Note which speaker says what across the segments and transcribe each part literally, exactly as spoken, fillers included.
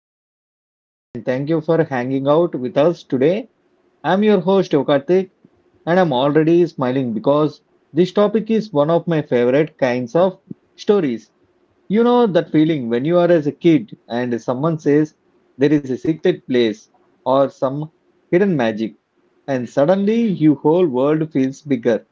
Speaker 1: entertainment and thank you for hanging out with us today. I'm your host Yokartik and I'm already smiling because this topic is one of my favorite kinds of stories. You know that feeling when you are as a kid and someone says there is a secret place or some hidden magic and suddenly your whole world feels bigger.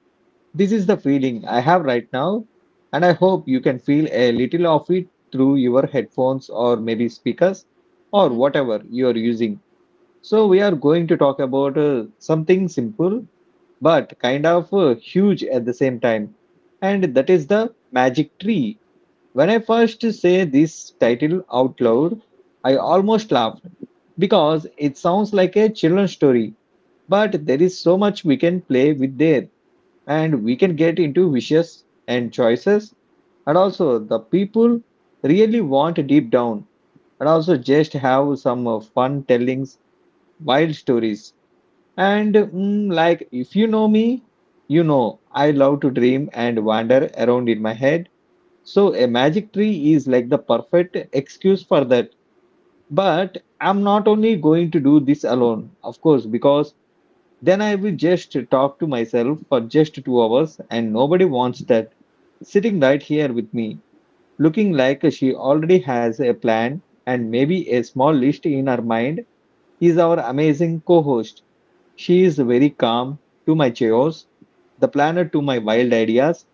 Speaker 1: This is the feeling I have right now, and I hope you can feel a little of it through your headphones or maybe speakers or
Speaker 2: Mm-hmm.
Speaker 1: whatever you are using. So, we are going to talk about uh, something simple but kind of uh, huge at the same time, and that is the magic tree. When I first say this title out loud, I almost laughed because it sounds like a children's story, but there is so much we can play with there and we can get into wishes and choices and also the people really want deep down and also just have some uh, fun tellings, wild stories, and mm, like if you know me, you know I love to dream and wander around in my head. So a magic tree is like the perfect excuse for that, but I'm not only going to do this alone of course, because then I will just talk to myself for just two hours and nobody wants that. Sitting right here with me, looking like she already has a plan and maybe a small list in her mind, is our amazing co host. She is very calm to my chaos, the planner to my wild ideas,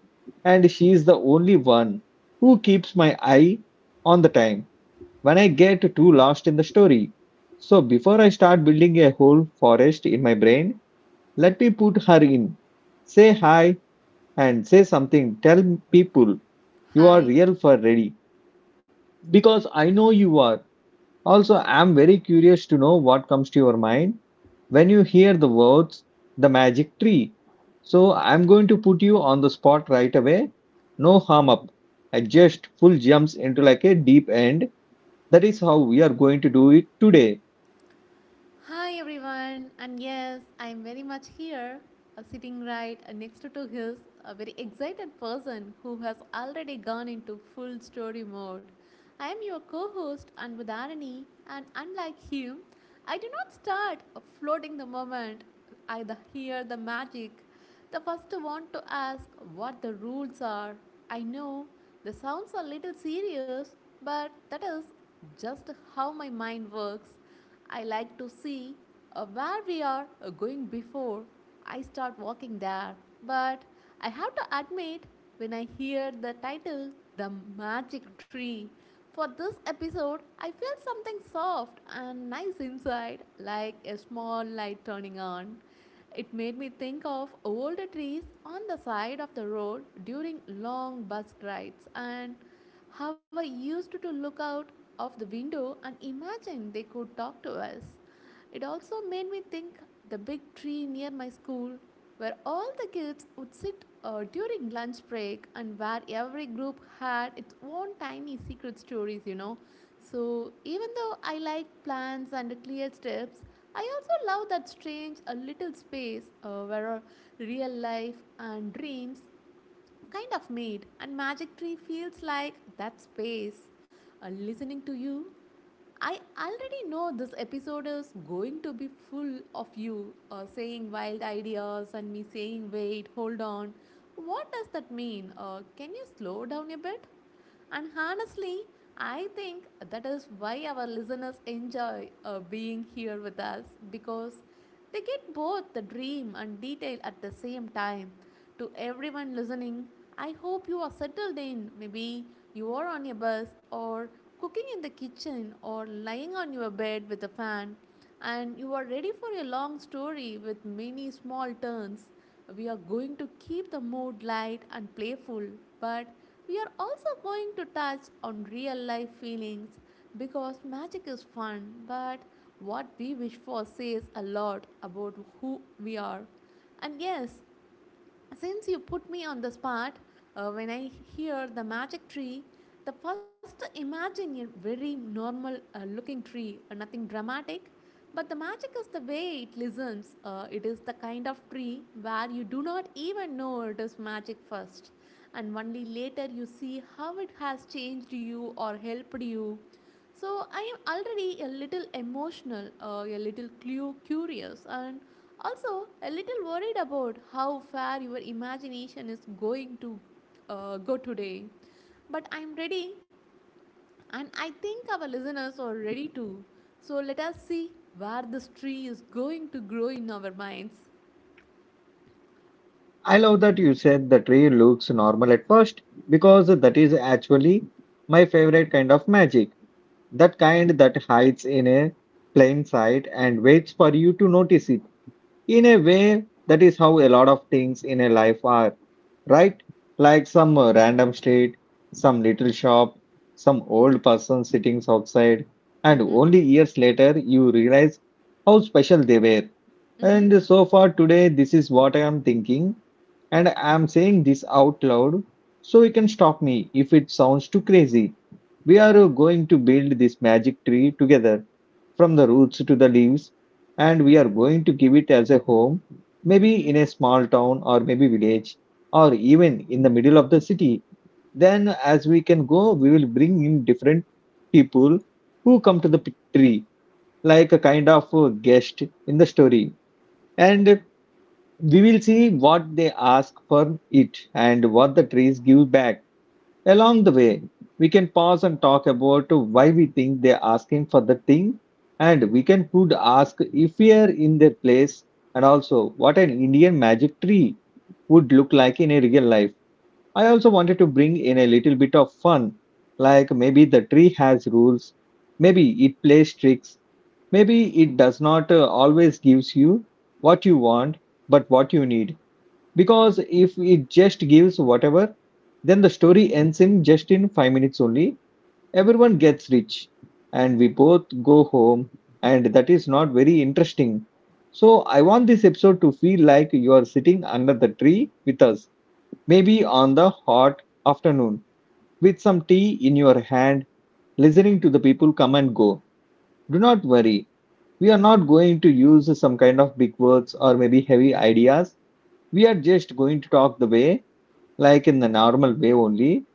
Speaker 1: and she is the only one who keeps my eye on the time when I get too lost in the story. So, before I start building a whole forest in my brain, let me put her in. Say hi and say something. Tell people you are
Speaker 2: Hi.
Speaker 1: real for ready because I know you are. Also, I'm very curious to know what comes to your mind when you hear the words the magic tree. So, I'm going to put you on the spot right away. No harm up. I just full jumps into like a deep end. That is how we are going to do it today.
Speaker 2: Hi everyone, and yes, I am very much here, uh, sitting right uh, next to to his a very excited person who has already gone into full story mode. I am your co-host Anbudharani, and unlike him, I do not start uh, floating the moment I the- hear the magic. The first want to ask what the rules are. I know the sounds a little serious, but that is just how my mind works. I like to see uh, where we are uh, going before I start walking there. But I have to admit, when I hear the title, The Magic Tree, for this episode, I feel something soft and nice inside, like a small light turning on. It made me think of older trees on the side of the road during long bus rides and how I used to look out of the window and imagine they could talk to us. It also made me think the big tree near my school where all the kids would sit uh, during lunch break and where every group had its own tiny secret stories, you know. So even though I like plants and clear steps, I also love that strange a little space uh, where real life and dreams kind of made, and Magic Tree feels like that space. Uh, listening to you, I already know this episode is going to be full of you uh, saying wild ideas and me saying, wait, hold on. What does that mean? Uh, can you slow down a bit? And honestly, I think that is why our listeners enjoy uh, being here with us because they get both the dream and detail at the same time. To everyone listening, I hope you are settled in. Maybe you are on your bus or cooking in the kitchen or lying on your bed with a fan and you are ready for a long story with many small turns. We are going to keep the mood light and playful, but we are also going to touch on real life feelings because magic is fun, but what we wish for says a lot about who we are. And yes, since you put me on the spot, uh, when I hear the magic tree, the first imagine a very normal uh, looking tree, uh, nothing dramatic. But the magic is the way it listens. Uh, it is the kind of tree where you do not even know it is magic first, and only later you see how it has changed you or helped you. So I am already a little emotional, uh, a little clu- curious, and also a little worried about how far your imagination is going to uh, go today. But I'm ready, and I think our listeners are ready too. So let us see where this tree is going to grow in our minds.
Speaker 1: I love that you said the tree looks normal at first because that is actually my favorite kind of magic. That kind that hides in a plain sight and waits for you to notice it. In a way, that is how a lot of things in a life are, right? Like some uh, random street, some little shop, some old person sitting outside, and
Speaker 2: Mm-hmm.
Speaker 1: only years later you realize how special they were.
Speaker 2: Mm-hmm.
Speaker 1: And so far today, this is what I am thinking, and I am saying this out loud so you can stop me if it sounds too crazy. We are uh, going to build this magic tree together from the roots to the leaves, and we are going to give it as a home, maybe
Speaker 2: Mm-hmm.
Speaker 1: in a small town or maybe village, or even in the middle of the city. Then, as we can go, we will bring in different people who come to the p- tree, like a kind of uh, guest in the story, and we will see what they ask for it and what the trees give back. Along the way, we can pause and talk about why we think they're asking for the thing, and we can could ask if we are in their place, and also what an Indian magic tree would look like in a real life. I also wanted to bring in a little bit of fun, like maybe the tree has rules, maybe it plays tricks, maybe it does not uh, always gives you what you want, but what you need. Because if it just gives whatever, then the story ends in just in five minutes only. Everyone gets rich, and we both go home, and that is not very interesting. So, I want this episode to feel like you are sitting under the tree with us, maybe on the hot afternoon, with some tea in your hand, listening to the people come and go. Do not worry, we are not going to use some kind of big words or maybe heavy ideas. We are just going to talk the way, like in the normal way only.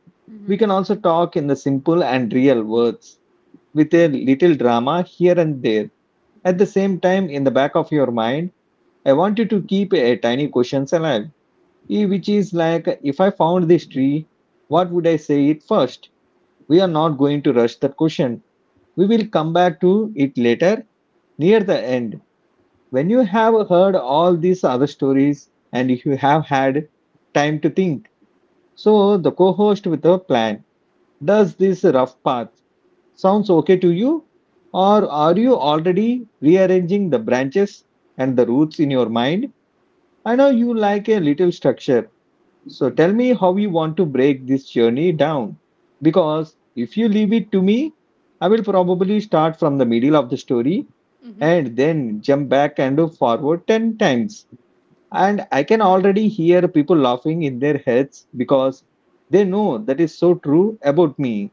Speaker 1: We
Speaker 2: Mm-hmm.
Speaker 1: can also talk in the simple and real words with a little drama here and there. At the same time, in the back of your mind, I want you to keep a tiny questions alive, eh, which is like, if I found this tree, what would I say it first? We are not going to rush that question. We will come back to it later near the end. When you have heard all these other stories and if you have had time to think. So the co-host with a plan does this rough path sounds okay to you? Or are you already rearranging the branches and the roots in your mind? I know you like a little structure. So tell me how you want to break this journey down. Because if you leave it to me, I will probably start from the middle of the story
Speaker 2: Mm-hmm.
Speaker 1: and then jump back and forward ten times. And I can already hear people laughing in their heads because they know that is so true about me.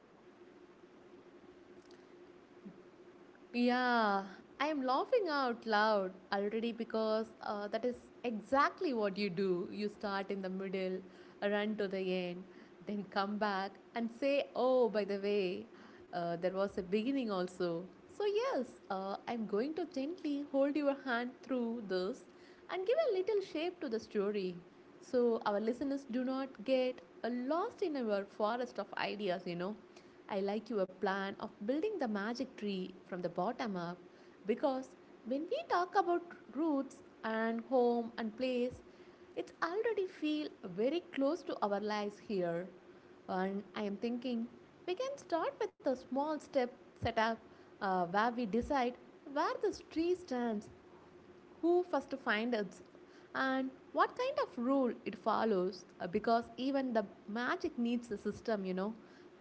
Speaker 2: Yeah, I'm laughing out loud already because uh, that is exactly what you do. You start in the middle, run to the end, then come back and say, oh, by the way, uh, there was a beginning also. So, yes, uh, I'm going to gently hold your hand through this and give a little shape to the story so our listeners do not get uh, lost in our forest of ideas, you know. I like your plan of building the magic tree from the bottom up because when we talk about roots and home and place, it's already feel very close to our lives here. And I am thinking we can start with a small step setup uh, where we decide where this tree stands, who first finds it, and what kind of rule it follows, uh, because even the magic needs a system, you know.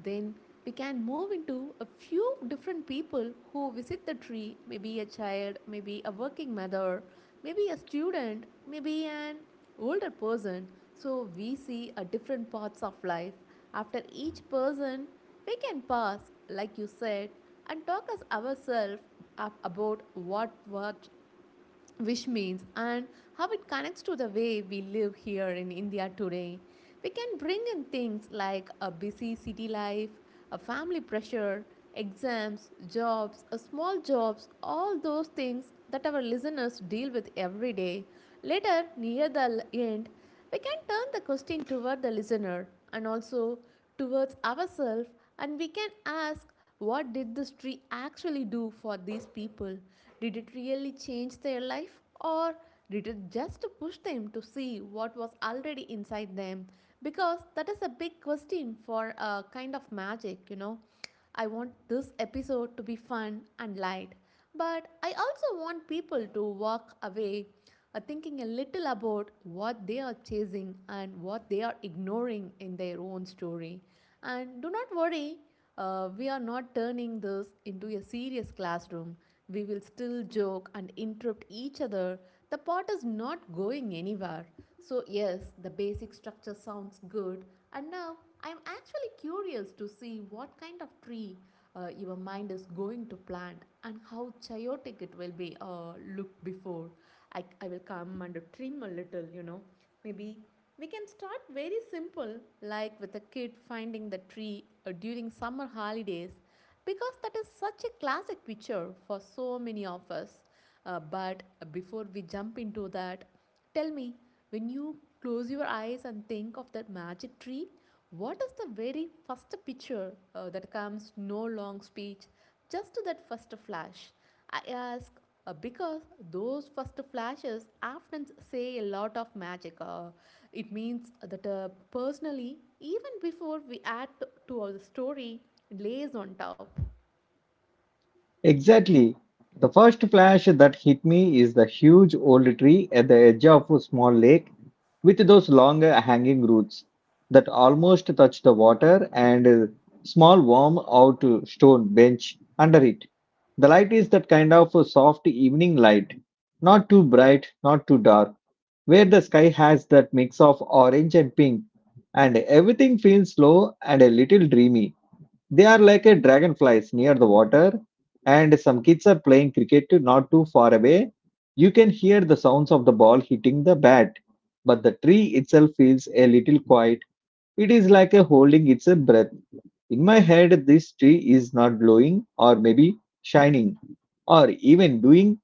Speaker 2: Then we can move into a few different people who visit the tree, maybe a child, maybe a working mother, maybe a student, maybe an older person. So we see a different parts of life. After each person, we can pause, like you said, and talk as ourselves about what what which means and how it connects to the way we live here in India today. We can bring in things like a busy city life, a family pressure, exams, jobs, a small jobs, all those things that our listeners deal with every day. Later, near the end, we can turn the question toward the listener and also towards ourselves, and we can ask, what did this tree actually do for these people? Did it really change their life, or did it just push them to see what was already inside them? Because that is a big question for a kind of magic, you know. I want this episode to be fun and light, but I also want people to walk away are thinking a little about what they are chasing and what they are ignoring in their own story. And do not worry, uh, we are not turning this into a serious classroom. We will still joke and interrupt each other. The pot is not going anywhere. So, yes, the basic structure sounds good. And now I'm actually curious to see what kind of tree uh, your mind is going to plant and how chaotic it will be. Uh, look before I, I will come and trim a little, you know. Maybe we can start very simple, like with a kid finding the tree uh, during summer holidays, because that is such a classic picture for so many of us. Uh, but before we jump into that, tell me, when you close your eyes and think of that magic tree, what is the very first picture uh, that comes? No long speech, just that first flash. I ask uh, because those first flashes often say a lot of magic. Uh, it means that uh, personally, even before we add to, to our story, lays on top.
Speaker 1: Exactly. The first flash that hit me is the huge old tree at the edge of a small lake with those long uh, hanging roots that almost touch the water and a small warm out uh, stone bench under it. The light is that kind of a soft evening light, not too bright, not too dark, where the sky has that mix of orange and pink and everything feels slow and a little dreamy. They are like a dragonflies near the water, and some kids are playing cricket not too far away. You can hear the sounds of the ball hitting the bat, but the tree itself feels a little quiet. It is like a holding its breath. In my head, this tree is not glowing, or maybe shining, or even doing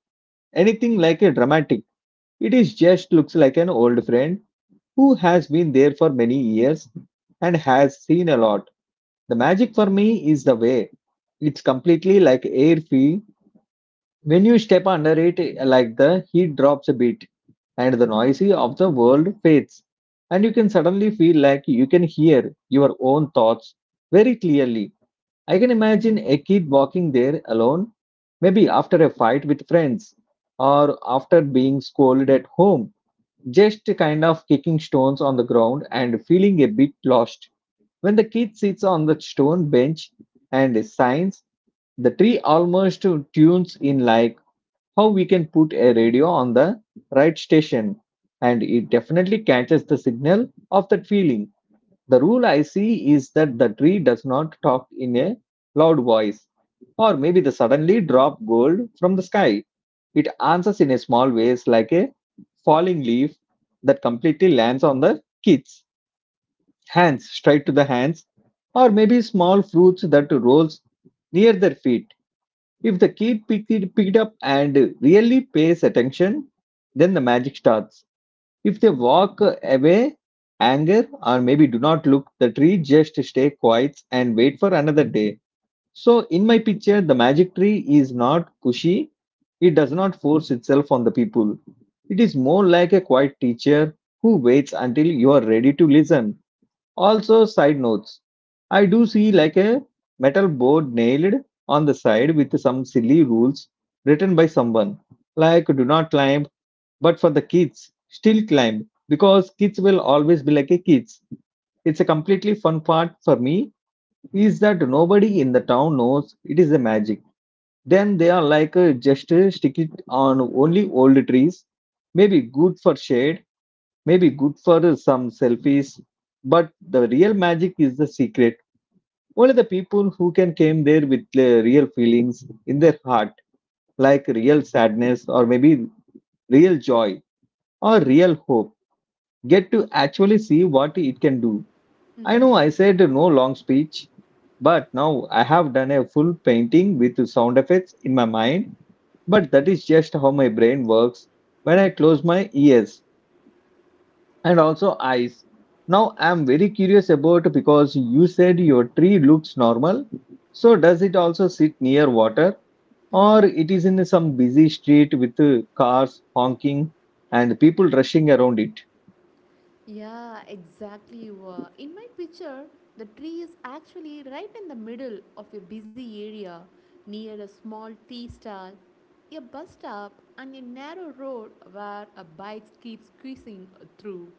Speaker 1: anything like a dramatic. It is just looks like an old friend who has been there for many years and has seen a lot. The magic for me is the way it's completely like air free. When you step under it, uh, like the heat drops a bit and the noise of the world fades, and you can suddenly feel like you can hear your own thoughts very clearly. I can imagine a kid walking there alone, maybe after a fight with friends or after being scolded at home, just kind of kicking stones on the ground and feeling a bit lost. When the kid sits on the stone bench and signs, the tree almost tunes in like how we can put a radio on the right station. And it definitely catches the signal of that feeling. The rule I see is that the tree does not talk in a loud voice, or maybe the suddenly drop gold from the sky. It answers in a small ways like a falling leaf that completely lands on the kids hands straight to the hands, or maybe small fruits that rolls near their feet. If the kid picked it, picked up and really pays attention, then the magic starts. If they walk away, anger, or maybe do not look, the tree just stay quiet and wait for another day. So in my picture, the magic tree is not pushy. It does not force itself on the people. It is more like a quiet teacher who waits until you are ready to listen also, side notes. I do see like a metal board nailed on the side with some silly rules written by someone, like do not climb, but for the kids, still climb because kids will always be like a kids. It's a completely fun part for me is that nobody in the town knows it is a magic. Then they are like uh, just uh, stick it on only old trees, maybe good for shade, maybe good for uh, some selfies, but the real magic is the secret only the people who can came there with uh, real feelings in their heart, like real sadness or maybe real joy or real hope, get to actually see what it can do. I
Speaker 2: Mm-hmm,
Speaker 1: know I said no long speech, but now I have done a full painting with sound effects in my mind. But that is just how my brain works when I close my ears. And also eyes. Now I'm very curious about because you said your tree looks normal. So does it also sit near water
Speaker 2: mm-hmm.
Speaker 1: or it is in some busy street with uh, cars honking and people rushing around it?
Speaker 2: Yeah, exactly. You were. In my picture, the tree is actually right in the middle of a busy area near a small tea stall, a bus stop, and a narrow road where a bike keeps squeezing through.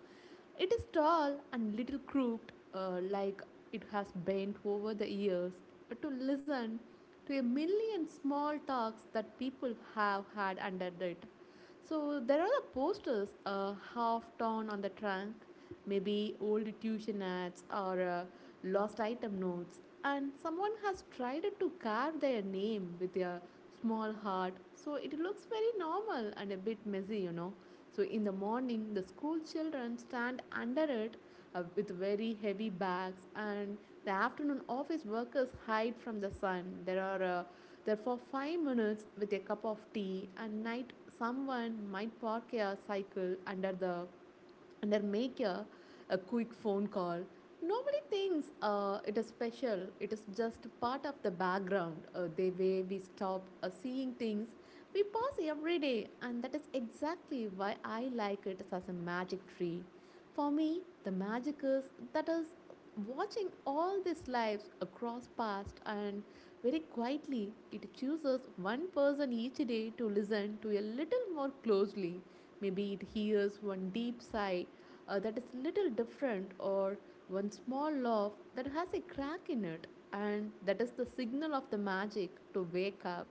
Speaker 2: It is tall and little crooked, uh, like it has bent over the years to listen to a million small talks that people have had under it. So there are the posters uh, half torn on the trunk, maybe old tuition ads or uh, lost item notes, and someone has tried to carve their name with a small heart. So it looks very normal and a bit messy, you know. So in the morning, the school children stand under it uh, with very heavy bags, and the afternoon office workers hide from the sun. There are uh, there for five minutes with a cup of tea, and night someone might park a cycle under the under make a, a quick phone call. Nobody thinks uh, it is special. It is just part of the background, uh, the way we stop uh, seeing things we pass every day, and that is exactly why I like it as a magic tree. For me the magic is that is watching all these lives across past, and very quietly, it chooses one person each day to listen to a little more closely. Maybe it hears one deep sigh uh, that is little different, or one small laugh that has a crack in it, and that is the signal of the magic to wake up.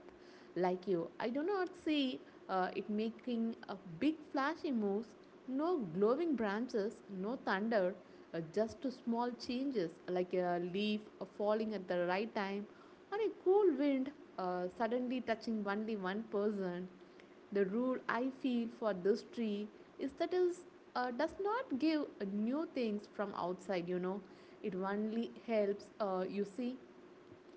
Speaker 2: Like you, I do not see uh, it making a big flashy moves, no glowing branches, no thunder, uh, just small changes like a leaf uh, falling at the right time on a cool wind, uh, suddenly touching only one person. The rule I feel for this tree is that it uh, does not give uh, new things from outside, you know. It only helps, uh, you see,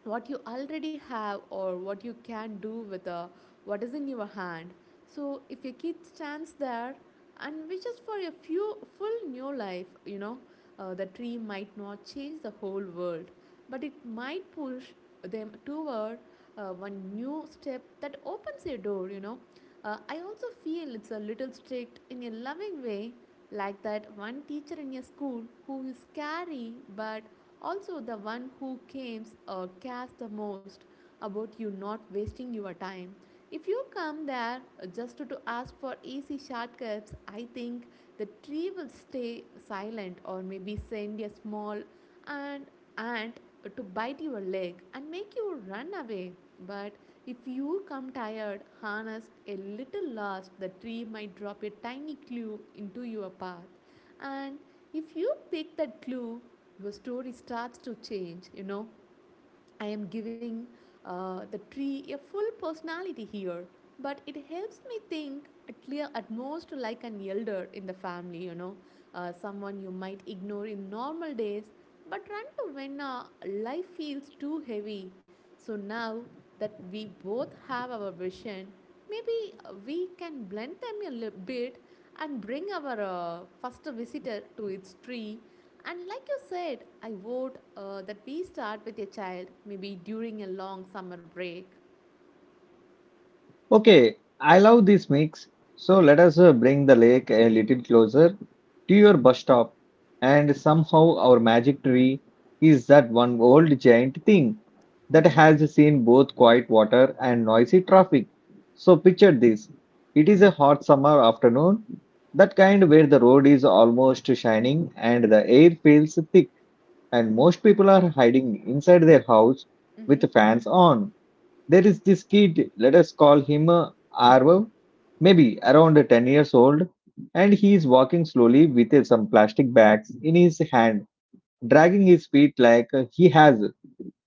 Speaker 2: what you already have or what you can do with uh, what is in your hand. So if your kid stands there and wishes for a few full new life, you know, uh, the tree might not change the whole world, but it might push them toward uh, one new step that opens a door, you know. Uh, i also feel it's a little strict in a loving way, like that one teacher in your school who is scary but also, the one who comes or cares the most about you not wasting your time. If you come there uh, just to ask for easy shortcuts, I think the tree will stay silent or maybe send a small ant, ant to bite your leg and make you run away. But if you come tired, harnessed, a little lost, the tree might drop a tiny clue into your path. And if you pick that clue, your story starts to change, you know. I am giving uh, the tree a full personality here, but it helps me think at, clear at most like an elder in the family, you know, uh, someone you might ignore in normal days, but run to when uh, life feels too heavy. So now that we both have our vision, maybe uh, we can blend them a little bit and bring our uh, first visitor to its tree and like you said, I vote uh, that we start with a child, maybe during a long summer break.
Speaker 1: Okay, I love this mix. So let us uh, bring the lake a little closer to your bus stop. And somehow our magic tree is that one old giant thing that
Speaker 2: Mm-hmm.
Speaker 1: has seen both quiet water and noisy traffic. So picture this. It is a hot summer afternoon, that kind where the road is almost shining and the air feels thick and most people are hiding inside their house
Speaker 2: Mm-hmm.
Speaker 1: with fans on. There is this kid, let us call him uh, Arvav, maybe around ten years old, and he is walking slowly with uh, some plastic bags in his hand, dragging his feet like uh, he has.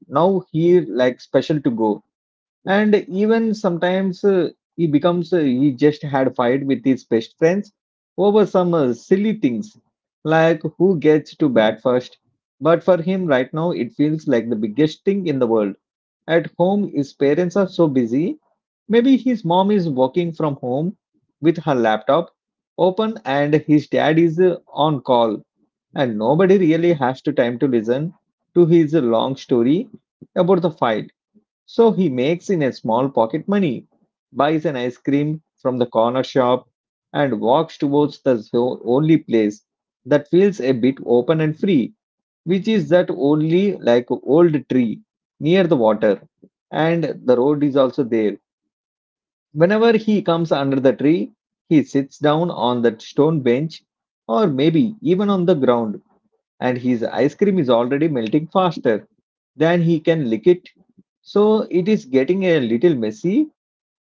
Speaker 1: Now he like special to go. And even sometimes uh, he becomes, uh, he just had fight with his best friends over some uh, silly things like who gets to bat first. But for him right now, it feels like the biggest thing in the world. At home, his parents are so busy. Maybe his mom is working from home with her laptop open and his dad is uh, on call, and nobody really has to time to listen to his long story about the fight. So he makes in a small pocket money, buys an ice cream from the corner shop and walks towards the zo- only place that feels a bit open and free, which is that only like old tree near the water, and the road is also there. Whenever he comes under the tree, he sits down on that stone bench or maybe even on the ground, and his ice cream is already melting faster than he can lick it. So it is getting a little messy.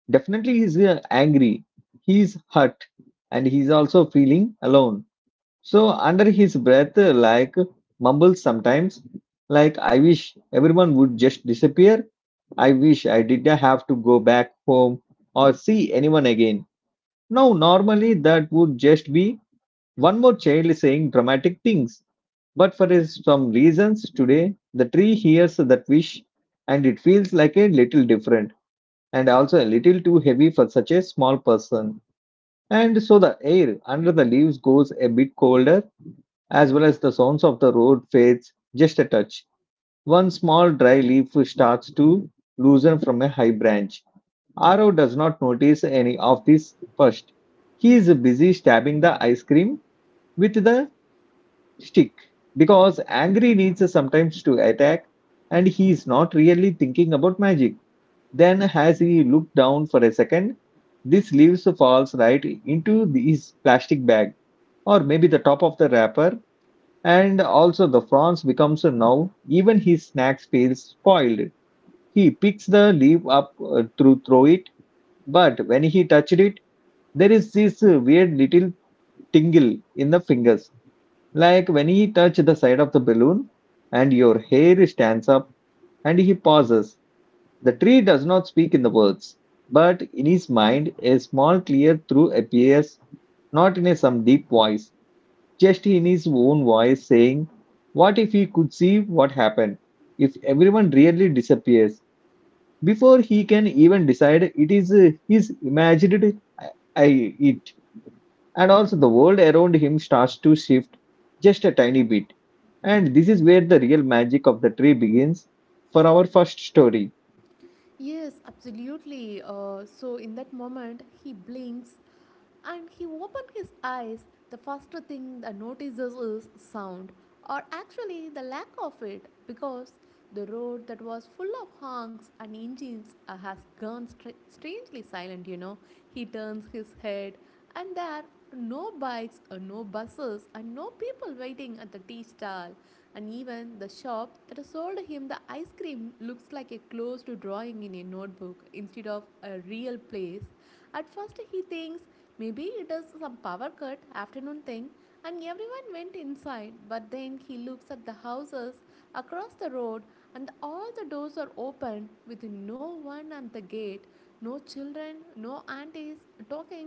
Speaker 1: Definitely, he's uh, angry, he's hurt, and he's also feeling alone. So, under his breath, uh, like mumbles sometimes, like, I wish everyone would just disappear. I wish I didn't have to go back home or see anyone again. Now, normally that would just be one more child saying dramatic things, but for his- some reasons today, the tree hears that wish, and it feels like a little different and also a little too heavy for such a small person. And so the air under the leaves goes a bit colder, as well as the sounds of the road fades just a touch. One small dry leaf starts to loosen from a high branch. Aro does not notice any of this first. He is busy stabbing the ice cream with the stick because angry needs sometimes to attack, and he is not really thinking about magic. Then, as he looked down for a second, this leaves falls right into his plastic bag or maybe the top of the wrapper, and also the prawns becomes now even his snacks feels spoiled. He picks the leaf up uh, to throw it, but when he touched it, there is this uh, weird little tingle in the
Speaker 2: Mhm.
Speaker 1: fingers, like when he touches the side of the balloon and your hair stands up, and he pauses. The tree does not speak in the words, but in his mind, a small clear through appears, not in a some deep voice, just in his own voice saying, what if he could see what happened? If everyone really disappears, before he can even decide, it is uh, his imagined I, I it, and also the world around him starts to shift just a tiny bit. And this is where the real magic of the tree begins for our first story.
Speaker 2: Yes, absolutely. Uh, so in that moment, he blinks and he opens his eyes. The first thing that notices is sound, or actually the lack of it, because the road that was full of honks and engines uh, has gone stra- strangely silent. You know, he turns his head and there are no bikes or no buses and no people waiting at the tea stall, and even the shop that has sold him the ice cream looks like a closed drawing in a notebook instead of a real place. At first he thinks maybe it is some power cut afternoon thing and everyone went inside, but then he looks at the houses across the road and all the doors are open with no one at the gate, no children, no aunties talking.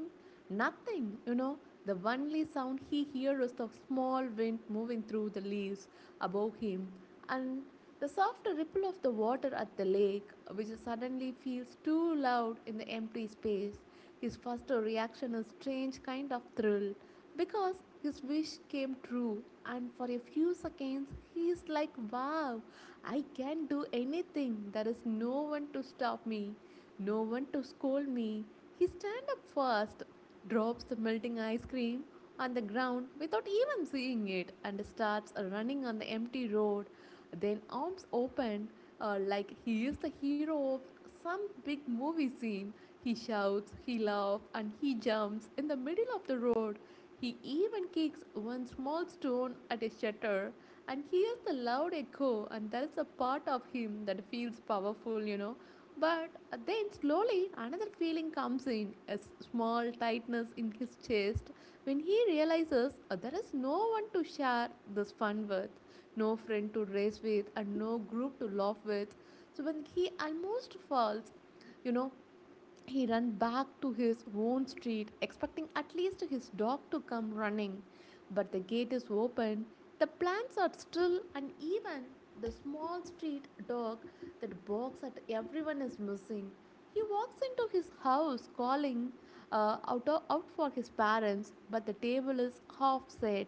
Speaker 2: Nothing, you know. The only sound he hears is the small wind moving through the leaves above him and the soft ripple of the water at the lake, which suddenly feels too loud in the empty space. His first reaction is strange kind of thrill, because his wish came true and for a few seconds he is like, wow, I can do anything, there is no one to stop me, no one to scold me. He stands up first, drops the melting ice cream on the ground without even seeing it, and starts running on the empty road. Then arms open, uh, like he is the hero of some big movie scene. He shouts, he laughs, and he jumps in the middle of the road. He even kicks one small stone at a shutter and hears the loud echo, and that's a part of him that feels powerful, you know. But then slowly another feeling comes in, a small tightness in his chest when he realizes, "Oh, there is no one to share this fun with, no friend to race with, and no group to laugh with." So when he almost falls, you know, he ran back to his own street, expecting at least his dog to come running. But the gate is open, the plants are still, and even the small street dog that barks at everyone is missing. He walks into his house calling uh, out, out for his parents, but the table is half set.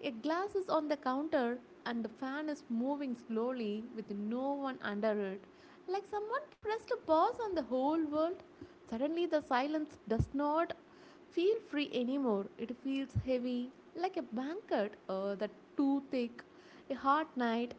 Speaker 2: A glass is on the counter, and the fan is moving slowly with no one under it, like someone pressed a pause on the whole world. Suddenly, the silence does not feel free anymore. It feels heavy, like a blanket uh, that too thick, a hot night,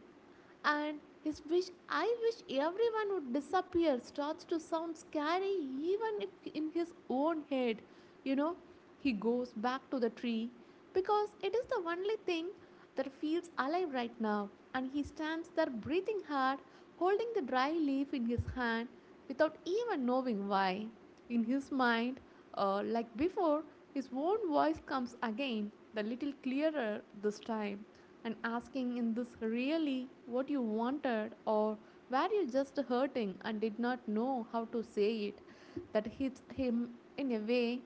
Speaker 2: and his wish, I wish everyone would disappear, starts to sound scary, even if in his own head. You know, he goes back to the tree because it is the only thing that feels alive right now, and he stands there breathing hard, holding the dry leaf in his hand without even knowing why. In his mind, uh, like before, his own voice comes again, the little clearer this time, and asking, in this really what you wanted, or were you just hurting and did not know how to say it? That hits him in a way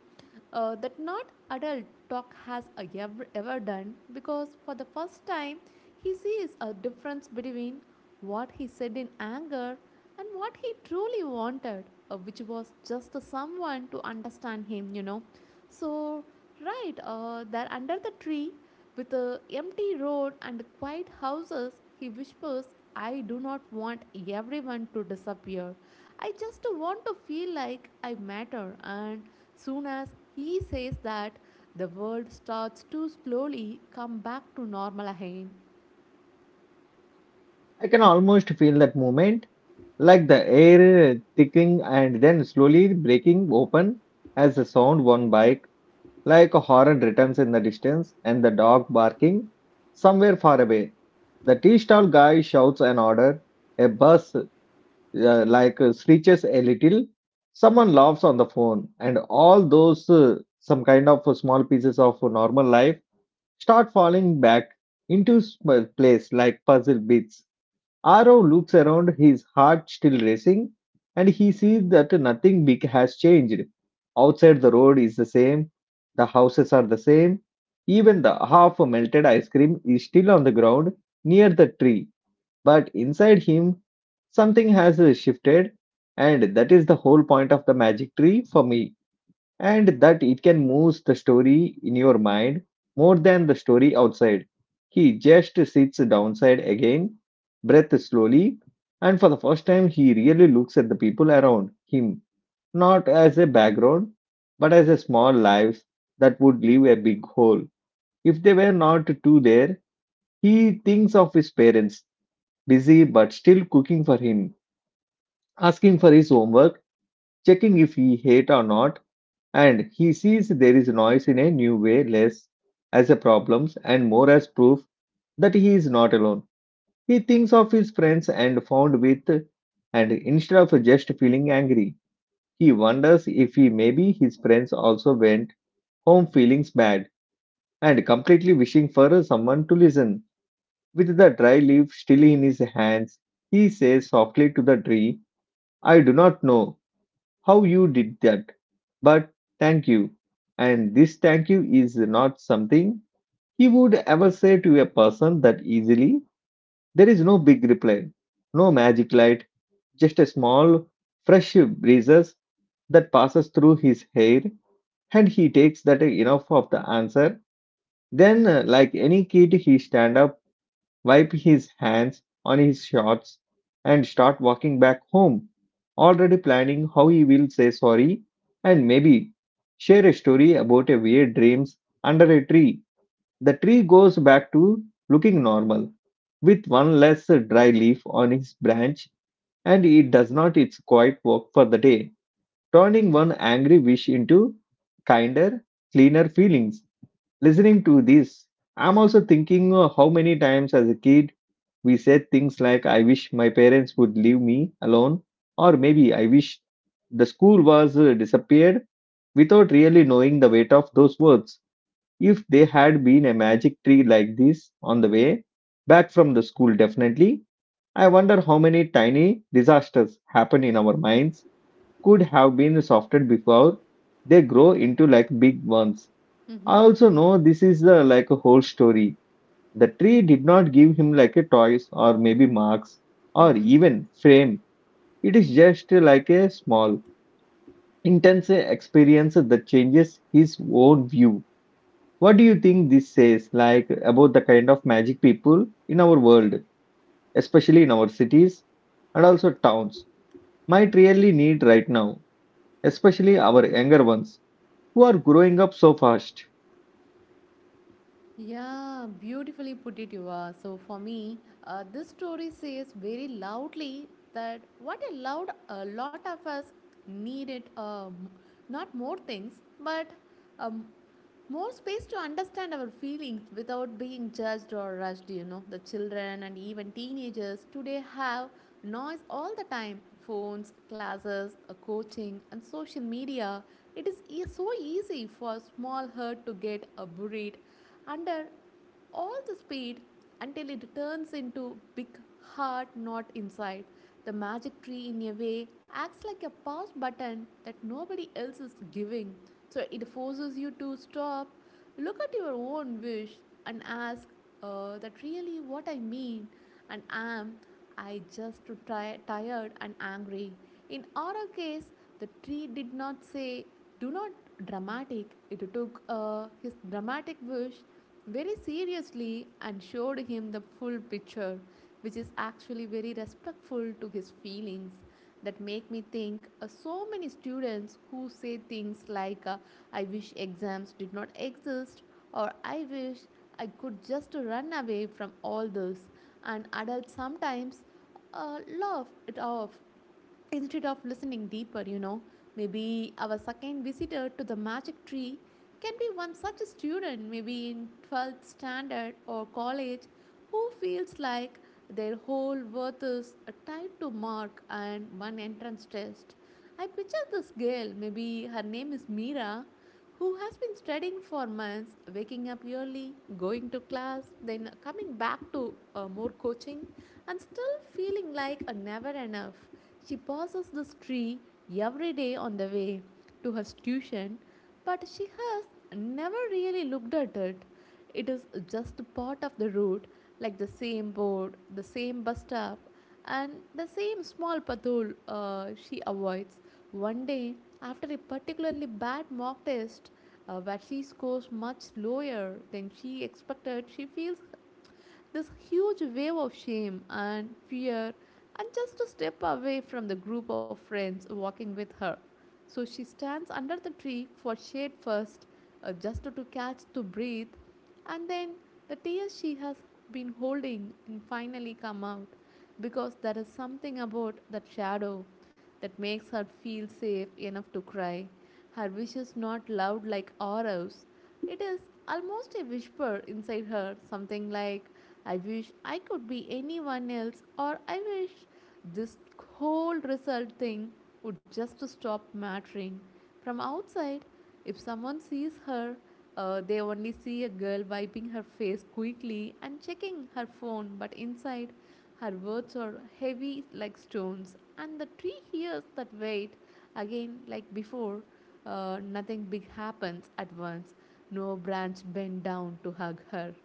Speaker 2: uh, that not adult talk has uh, ever, ever done, because for the first time he sees a difference between what he said in anger and what he truly wanted, uh, which was just someone to understand him, you know. So right uh, there under the tree with the empty road and quiet houses, he whispers, I do not want everyone to disappear. I just want to feel like I matter. And soon as he says that, the world starts to slowly come back to normal again.
Speaker 1: I can almost feel that moment, like the air thickening and then slowly breaking open as the sound one bike, like a horn returns in the distance and the dog barking somewhere far away. The tea stall guy shouts an order, a bus uh, like uh, screeches a little. Someone laughs on the phone, and all those uh, some kind of uh, small pieces of uh, normal life start falling back into s- uh, place like puzzle bits. Arrow looks around, his heart still racing, and he sees that nothing big has changed. Outside, the road is the same, the houses are the same, even the half melted ice cream is still on the ground near the tree, but inside him, something has uh, shifted, and that is the whole point of the magic tree for me. And that it can move the story in your mind more than the story outside. He just sits downside again, breath slowly, and for the first time, he really looks at the people around him, not as a background, but as a small life that would leave a big hole. If they were not two there, he thinks of his parents busy but still cooking for him, asking for his homework, checking if he ate or not, and he sees there is noise in a new way, less as a problem and more as proof that he is not alone. He thinks of his friends and found with, and instead of just feeling angry, he wonders if he maybe his friends also went home feelings bad and completely wishing for someone to listen. With the dry leaf still in his hands, he says softly to the tree, I do not know how you did that, but thank you. And this thank you is not something he would ever say to a person that easily. There is no big reply, no magic light, just a small, fresh breezes that passes through his hair, and he takes that enough of the answer. Then, uh, like any kid, he stand up, wipe his hands on his shorts, and start walking back home, already planning how he will say sorry and maybe share a story about a weird dreams under a tree. The tree goes back to looking normal with one less dry leaf on its branch, and it does not its quiet work for the day, turning one angry wish into kinder, cleaner feelings. Listening to this, I'm also thinking uh, how many times as a kid we said things like, I wish my parents would leave me alone, or maybe I wish the school was uh, disappeared without really knowing the weight of those words. If they had been a magic tree like this on the way back from the school, definitely, I wonder how many tiny disasters happen in our minds could have been softened before they grow into like big ones.
Speaker 2: Mm
Speaker 1: I
Speaker 2: hmm.
Speaker 1: also know this is the, like a whole story. The tree did not give him like a toys or maybe marks
Speaker 2: Mm
Speaker 1: or
Speaker 2: hmm.
Speaker 1: even fame. It is just like a small, intense experience that changes his own view. What do you think this says like about the kind of magic people in our world, especially in our cities and also towns, might really need right now, especially our younger ones who are growing up so fast?
Speaker 2: Yeah, beautifully put it, you are. So, for me, uh, this story says very loudly that what a loud a lot of us needed um, not more things, but um, more space to understand our feelings without being judged or rushed. You know, the children and even teenagers today have noise all the time, phones, classes, uh, coaching, and social media. It is e- so easy for small hurt to get uh, buried under all the speed until it turns into big hard knot inside. The magic tree in a way acts like a pause button that nobody else is giving. So it forces you to stop, look at your own wish and ask uh, that really what I mean, and am I just try tired and angry. In our case, the tree did not say, do not dramatic. It took uh, his dramatic wish very seriously and showed him the full picture, which is actually very respectful to his feelings. That make me think uh, so many students who say things like uh, I wish exams did not exist, or I wish I could just run away from all this, and adults sometimes uh, laugh it off instead of listening deeper, you know. Maybe our second visitor to the magic tree can be one such student, maybe in twelfth standard or college, who feels like their whole worth is tied to mark and one entrance test. I picture this girl, maybe her name is Mira, who has been studying for months, waking up early, going to class, then coming back to uh, more coaching, and still feeling like a never enough. She passes this tree every day on the way to her tuition, but she has never really looked at it. It is just part of the route, like the same board, the same bus stop, and the same small pathol uh, she avoids. One day, after a particularly bad mock test, uh, where she scores much lower than she expected, she feels this huge wave of shame and fear, and just to step away from the group of friends walking with her. So she stands under the tree for shade first, uh, just to catch to breathe, and then the tears she has been holding and finally come out, because there is something about that shadow that makes her feel safe enough to cry. Her wish is not loud like ours. It is almost a whisper inside her, something like, I wish I could be anyone else, or I wish this whole result thing would just stop mattering. From outside, if someone sees her, uh, they only see a girl wiping her face quickly and checking her phone, but inside, her words are heavy like stones, and the tree hears that weight. Again, like before, Uh, nothing big happens at once. No branch bent down to hug her.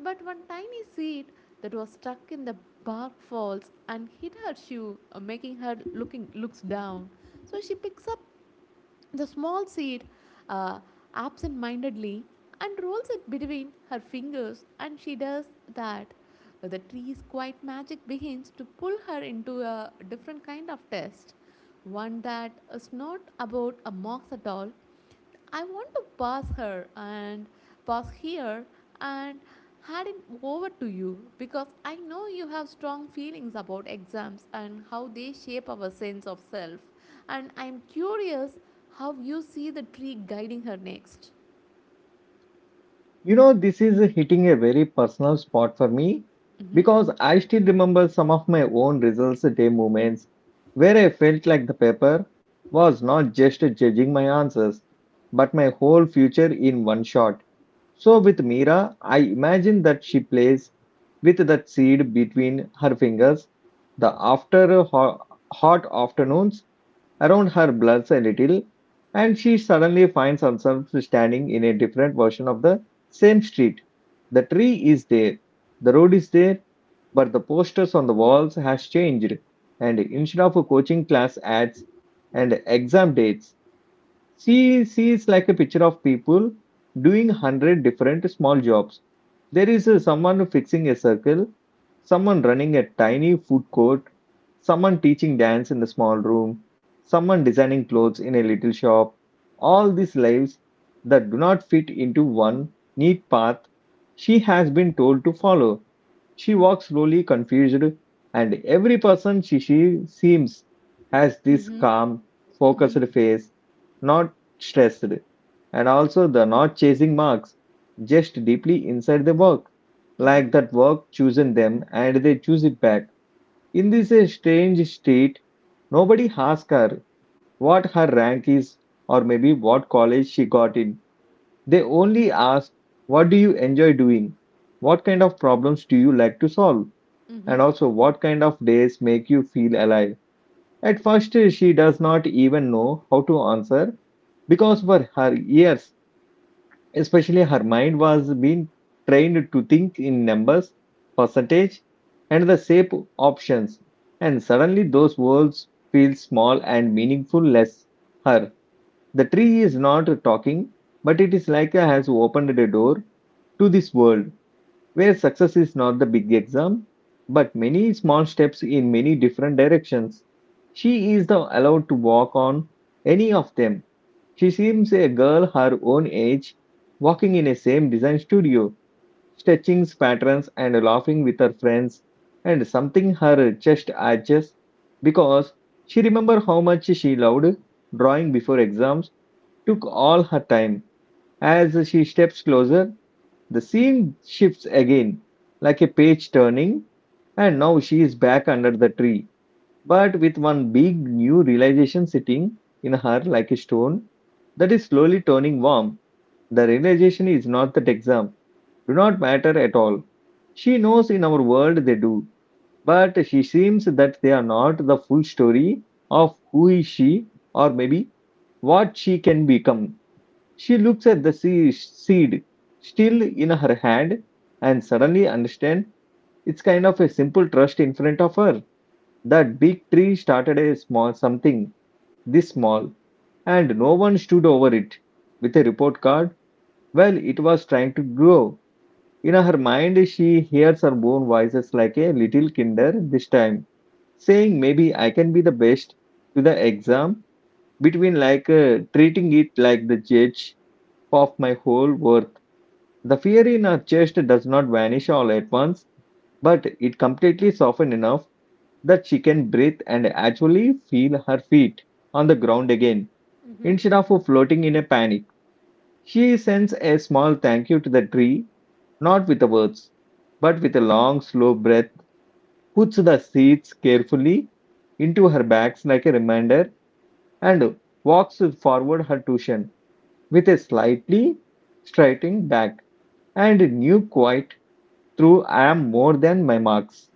Speaker 2: But one tiny seed that was stuck in the bark falls and hit her shoe, uh, making her looking looks down. So she picks up the small seed, uh, absent-mindedly, and rolls it between her fingers, and she does that. The tree's quiet magic begins to pull her into a different kind of test, one that is not about a mock at all. I want to pass her and pass here and hand it over to you, because I know you have strong feelings about exams and how they shape our sense of self. And I'm curious how you see the tree guiding her next.
Speaker 1: You know, this is hitting a very personal spot for me
Speaker 2: Mm-hmm.
Speaker 1: because I still remember some of my own results day moments where I felt like the paper was not just judging my answers, but my whole future in one shot. So, with Mira, I imagine that she plays with that seed between her fingers the after ho- hot afternoons. Around her blurs a little, and she suddenly finds herself standing in a different version of the same street. The tree is there, the road is there, but the posters on the walls has changed. And instead of coaching class ads and exam dates, she sees like a picture of people doing hundred different small jobs. There is uh, someone fixing a circle, someone running a tiny food court, someone teaching dance in the small room, someone designing clothes in a little shop. All these lives that do not fit into one neat path she has been told to follow. She walks slowly, confused, and every person she, she seems has this
Speaker 2: Mm-hmm.
Speaker 1: calm, focused
Speaker 2: Mm-hmm.
Speaker 1: face, not stressed, and also the not chasing marks, just deeply inside the work,
Speaker 2: Mm-hmm.
Speaker 1: like that work chosen them and they choose it back. In this uh, strange state, nobody asks her what her rank is or maybe what college she got in. They only ask, what do you enjoy doing? What kind of problems do you like to solve?
Speaker 2: Mm-hmm.
Speaker 1: And also, what kind of days make you feel alive? At first, uh, she does not even know how to answer because for her years, especially her mind was being trained to think in numbers, percentage, and the shape options. And suddenly those words feel small and meaningful less her. The tree is not talking, but it is like a has opened a door to this world where success is not the big exam, but many small steps in many different directions. She is now allowed to walk on any of them. She seems a girl her own age, walking in a same design studio, stretching patterns and laughing with her friends, and something her chest arches because she remember how much she loved drawing before exams took all her time. As she steps closer, the scene shifts again, like a page turning, and now she is back under the tree but with one big new realization sitting in her like a stone that is slowly turning warm. The realization is not that exam do not matter at all. She knows in our world they do, but she seems that they are not the full story of who is she or maybe what she can become. She looks at the se- seed still in her hand and suddenly understand it's kind of a simple trust in front of her that big tree started a small something this small, and no one stood over it with a report card. Well, it was trying to grow. In her mind, she hears her own voices like a little kinder this time, saying maybe I can be the best to the exam between like uh, treating it like the judge of my whole worth. The fear in her chest does not vanish all at once, but it completely softens enough that she can breathe and actually feel her feet on the ground again
Speaker 2: Mm-hmm.
Speaker 1: instead of floating in a panic. She sends a small thank you to the tree, not with the words, but with a long, slow breath, puts the seeds carefully into her bags like a reminder, and walks forward her tuition with a slightly straightening back and new quiet through I am more than my marks.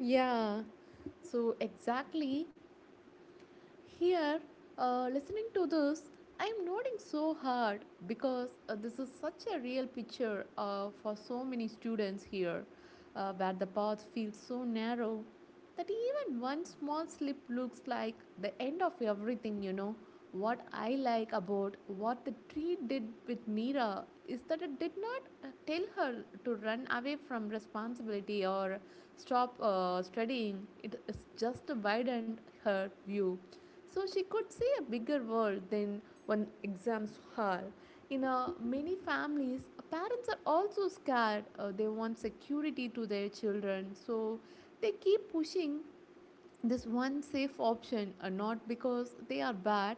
Speaker 2: Yeah. So exactly. Here, uh, listening to this, I'm nodding so hard because uh, this is such a real picture uh, for so many students here, uh, where the path feels so narrow that even one small slip looks like the end of everything, you know. What I like about what the tree did with Mira is that it did not uh, tell her to run away from responsibility or stop uh, studying. It is just widened her view so she could see a bigger world than one exams her. In uh, many families, parents are also scared. Uh, they want security to their children, so they keep pushing this one safe option, uh, not because they are bad,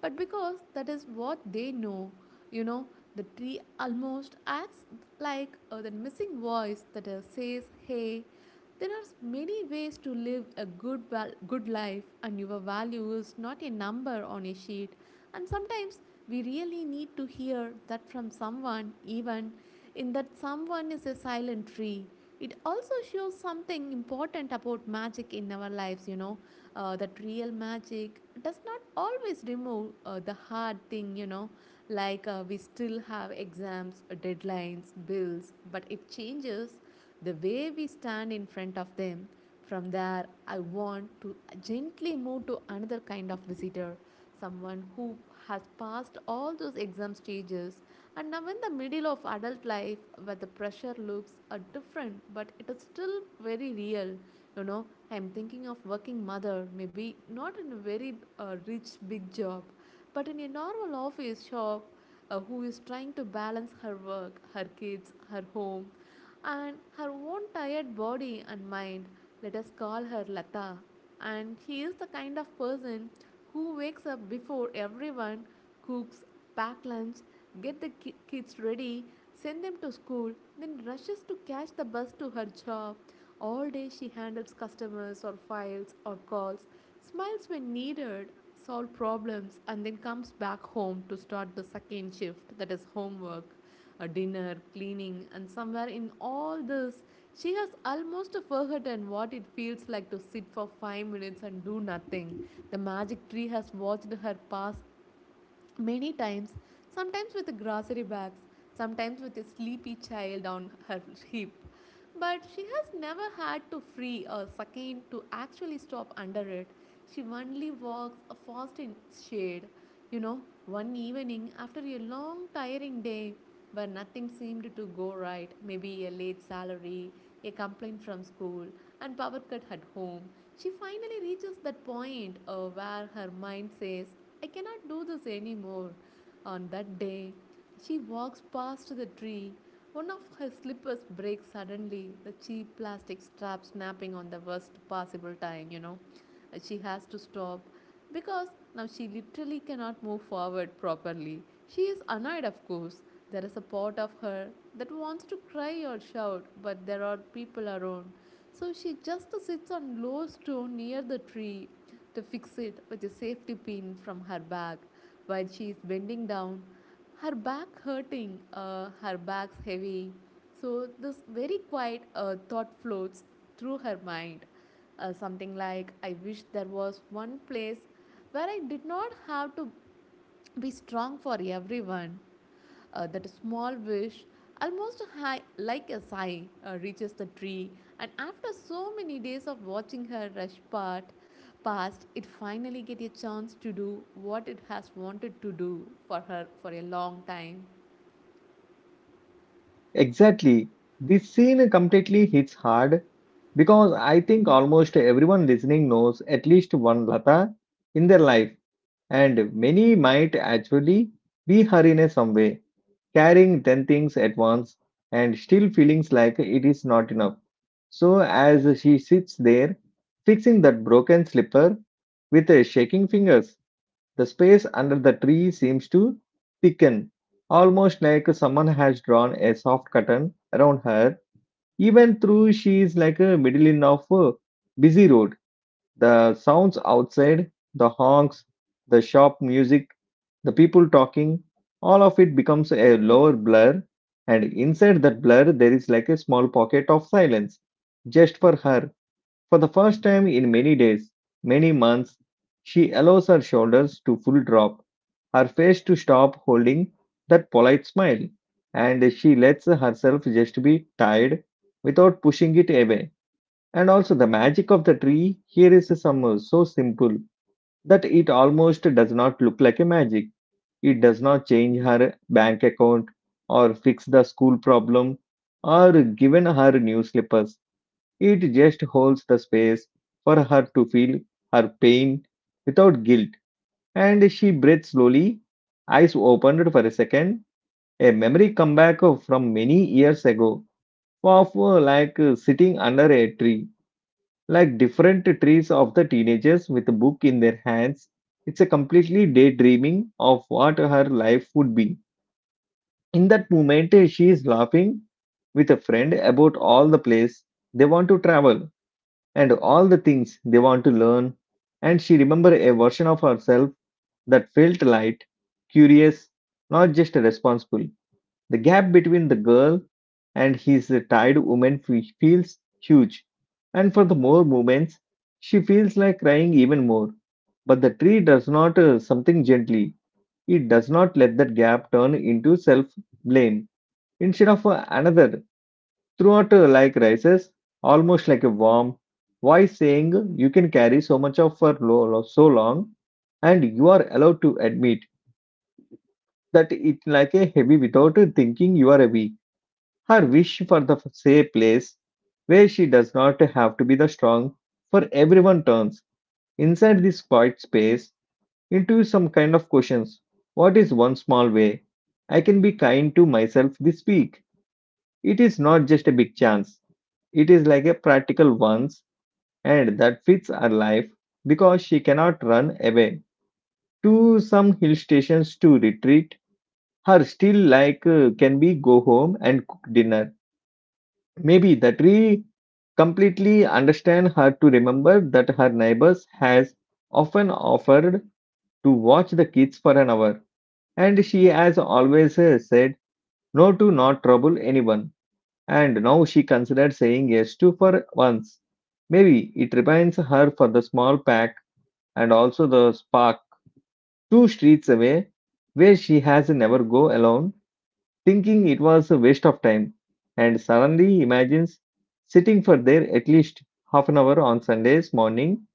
Speaker 2: but because that is what they know you know The tree almost acts like uh, the missing voice that uh, says, hey, there are many ways to live a good val- good life, and your value is not a number on a sheet. And sometimes we really need to hear that from someone, even in that someone is a silent tree. It also shows something important about magic in our lives you know uh, That real magic does not always remove uh, the hard thing you know like uh, We still have exams, deadlines, bills, but it changes the way we stand in front of them. From there, I want to gently move to another kind of visitor, someone who has passed all those exam stages, and now in the middle of adult life, where the pressure looks uh, different, but it is still very real, you know. I'm thinking of working mother, maybe not in a very uh, rich big job, but in a normal office shop, uh, who is trying to balance her work, her kids, her home, and her own tired body and mind. Let us call her Lata. And she is the kind of person who wakes up before everyone, cooks, pack lunch, get the ki- kids ready, send them to school, then rushes to catch the bus to her job. All day she handles customers or files or calls, smiles when needed, solves problems, and then comes back home to start the second shift, that is homework, a dinner, cleaning, and somewhere in all this, she has almost forgotten what it feels like to sit for five minutes and do nothing. The magic tree has watched her pass many times, sometimes with grocery bags, sometimes with a sleepy child on her hip, but she has never had to free a second to actually stop under it. She only walks a fast in its shade. You know, one evening, after a long, tiring day, where nothing seemed to go right, maybe a late salary, a complaint from school, and power cut at home, she finally reaches that point uh, where her mind says, I cannot do this anymore. On that day, she walks past the tree. One of her slippers breaks suddenly, the cheap plastic strap snapping on the worst possible time, you know. Uh, She has to stop because now she literally cannot move forward properly. She is annoyed, of course. There is a part of her that wants to cry or shout, but there are people around. So she just sits on a low stone near the tree to fix it with a safety pin from her bag. While she is bending down, her back hurting, uh, her back's heavy. So, this very quiet uh, thought floats through her mind. Uh, something like, I wish there was one place where I did not have to be strong for everyone. Uh, that small wish, almost high, like a sigh, uh, reaches the tree, and after so many days of watching her rush part, past, it finally gets a chance to do what it has wanted to do for her for a long time.
Speaker 1: Exactly. This scene completely hits hard because I think almost everyone listening knows at least one Lata in their life, and many might actually be her in a some way, carrying ten things at once and still feelings like it is not enough. So, as she sits there, fixing that broken slipper with uh, shaking fingers, the space under the tree seems to thicken, almost like someone has drawn a soft curtain around her, even though she is like a middle in of a busy road. The sounds outside, the honks, the shop music, the people talking, all of it becomes a lower blur, and inside that blur, there is like a small pocket of silence just for her. For the first time in many days, many months, she allows her shoulders to full drop, her face to stop holding that polite smile, and she lets herself just be tired without pushing it away. And also, the magic of the tree here is some uh, so simple that it almost does not look like a magic. It does not change her bank account or fix the school problem or given her new slippers. It just holds the space for her to feel her pain without guilt. And she breathed slowly, eyes opened for a second. A memory come back from many years ago of uh, like uh, sitting under a tree, like different trees of the teenagers with a book in their hands. It's a completely daydreaming of what her life would be. In that moment, uh, she is laughing with a friend about all the place they want to travel and all the things they want to learn, and she remembered a version of herself that felt light, curious, not just responsible. The gap between the girl and his tired woman fe- feels huge, and for the more moments she feels like crying even more, but the tree does not uh, something gently. It does not let that gap turn into self blame, instead of uh, another. Throughout uh, like rises, almost like a worm. Why saying you can carry so much of for lo- so long, and you are allowed to admit that it like a heavy without thinking you are a weak. Her wish for the safe place where she does not have to be the strong for everyone turns inside this quiet space into some kind of questions. What is one small way I can be kind to myself this week? It is not just a big chance, it is like a practical ones and that fits her life because she cannot run away to some hill stations to retreat her still like uh, can be go home and cook dinner. Maybe the tree completely understand her to remember that her neighbors has often offered to watch the kids for an hour, and she has always uh, said no to not trouble anyone. And now she considered saying yes to for once. Maybe it reminds her for the small pack and also the spark two streets away where she has never go alone, thinking it was a waste of time, and suddenly imagines sitting for there at least half an hour on Sundays morning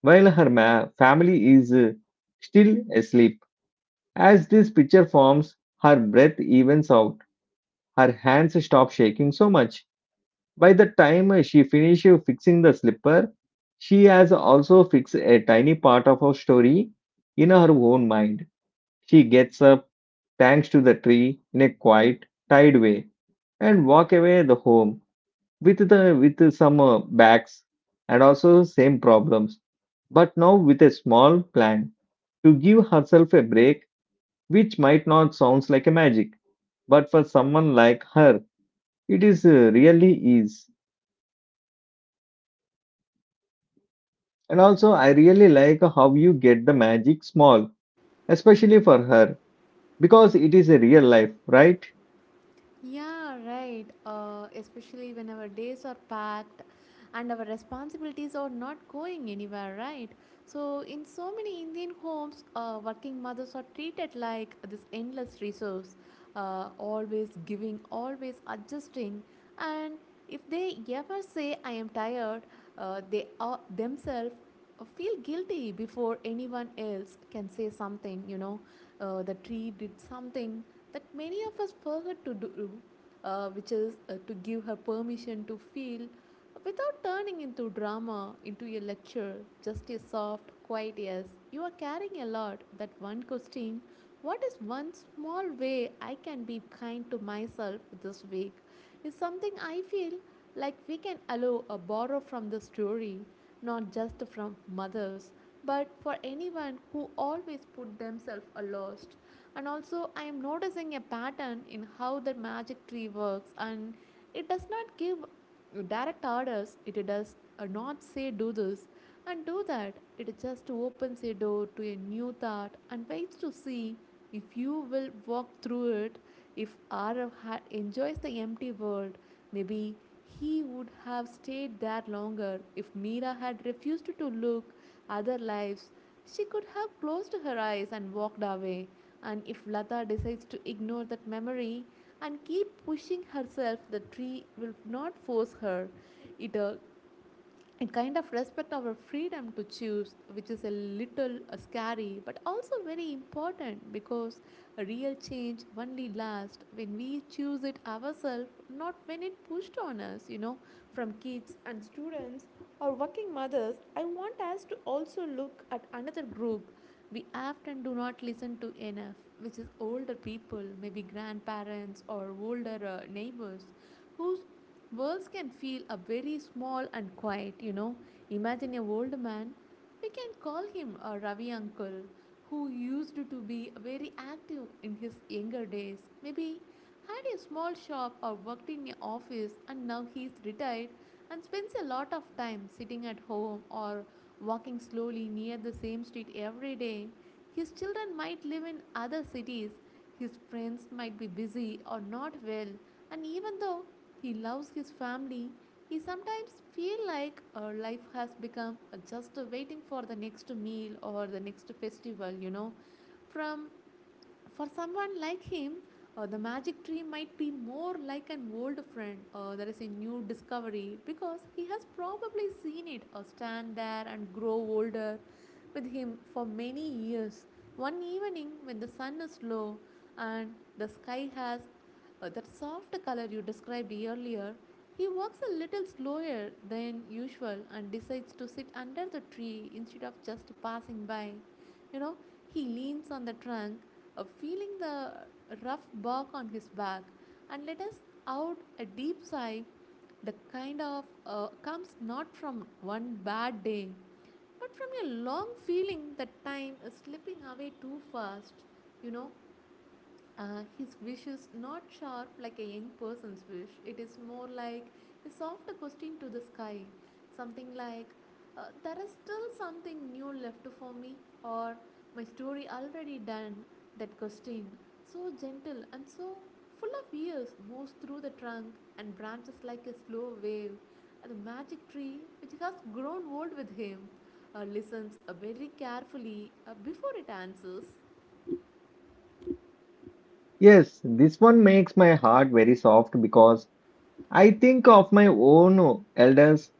Speaker 1: while her ma- family is uh, still asleep. As this picture forms, her breath evens out, her hands stop shaking so much. By the time she finishes fixing the slipper, she has also fixed a tiny part of her story in her own mind. She gets up, thanks to the tree, in a quiet, tired way, and walk away the home with the with some uh, bags and also same problems, but now with a small plan to give herself a break, which might not sounds like a magic, but for someone like her, it is uh, really is. And also, I really like how you get the magic small, especially for her, because it is a real life, right?
Speaker 2: Yeah, right. Uh, especially when our days are packed and our responsibilities are not going anywhere, right? So, in so many Indian homes, uh, working mothers are treated like this endless resource, uh, always giving, always adjusting. And if they ever say, I am tired, uh, they are themselves uh, feel guilty before anyone else can say something you know uh, The tree did something that many of us forgot to do, uh, which is uh, to give her permission to feel without turning into drama into a lecture, just a soft quiet yes, you are carrying a lot. That one question, what is one small way I can be kind to myself this week, is something I feel like we can allow a borrow from the story, not just from mothers, but for anyone who always put themselves aloft. And also, I am noticing a pattern in how the magic tree works, and it does not give direct orders, it does uh, not say do this and do that. It just opens a door to a new thought and waits to see if you will walk through it. If Arav had enjoyed the empty world, maybe he would have stayed there longer. If Meera had refused to look other lives, she could have closed her eyes and walked away. And if Lata decides to ignore that memory and keep pushing herself, the tree will not force her. It uh, it kind of respect our freedom to choose, which is a little uh, scary but also very important, because a real change only lasts when we choose it ourselves, not when it pushed on us, you know. From kids and students or working mothers, I want us to also look at another group we often do not listen to enough, which is older people, maybe grandparents or older uh, neighbors whose worlds can feel a very small and quiet, you know. Imagine a old man, we can call him a Ravi uncle, who used to be very active in his younger days. Maybe had a small shop or worked in an office, and now he is retired and spends a lot of time sitting at home or walking slowly near the same street every day. His children might live in other cities, his friends might be busy or not well, and even though he loves his family, he sometimes feels like our life has become just waiting for the next meal or the next festival, you know. From For someone like him, uh, the magic tree might be more like an old friend or uh, there is a new discovery because he has probably seen it or uh, stand there and grow older with him for many years. One evening, when the sun is low and the sky has uh, that soft color you described earlier. He walks a little slower than usual and decides to sit under the tree instead of just passing by. You know, he leans on the trunk, uh, feeling the rough bark on his back, and let us out a deep sigh, the kind of uh, comes not from one bad day, but from a long feeling that time is slipping away too fast. You know, uh, his wish is not sharp like a young person's wish. It is more like a soft question to the sky. Something like, uh, there is still something new left for me, or my story already done. That question, so gentle and so full of years, moves through the trunk and branches like a slow wave. And the magic tree, which has grown old with him, uh, listens uh, very carefully uh, before it answers.
Speaker 1: Yes, this one makes my heart very soft because I think of my own elders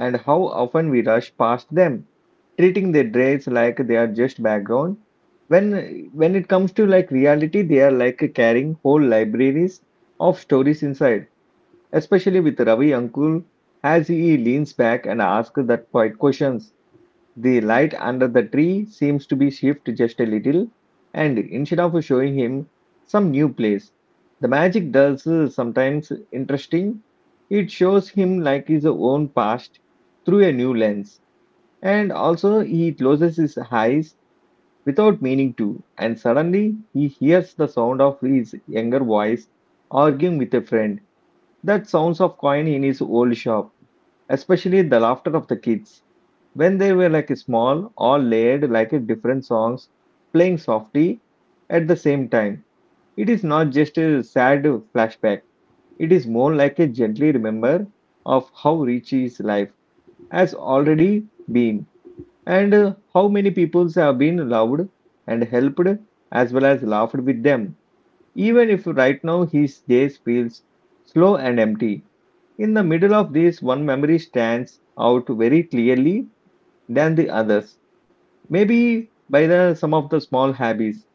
Speaker 1: and how often we rush past them, treating their traits like they are just background. When when it comes to like reality, they are like carrying whole libraries of stories inside, especially with Ravi Uncle. As he leans back and asks that quiet questions, the light under the tree seems to be shifted just a little, and instead of showing him some new place, the magic does uh, sometimes interesting. It shows him like his own past through a new lens, and also he closes his eyes without meaning to, and suddenly he hears the sound of his younger voice arguing with a friend, that sounds of coin in his old shop, especially the laughter of the kids when they were like small, all layered like a different songs, playing softly at the same time. It is not just a sad flashback. It is more like a gently remember of how rich his life has already been, and uh, how many peoples have been loved and helped as well as laughed with them. Even if right now his days feels slow and empty. In the middle of this, one memory stands out very clearly than the others. Maybe by the some of the small habits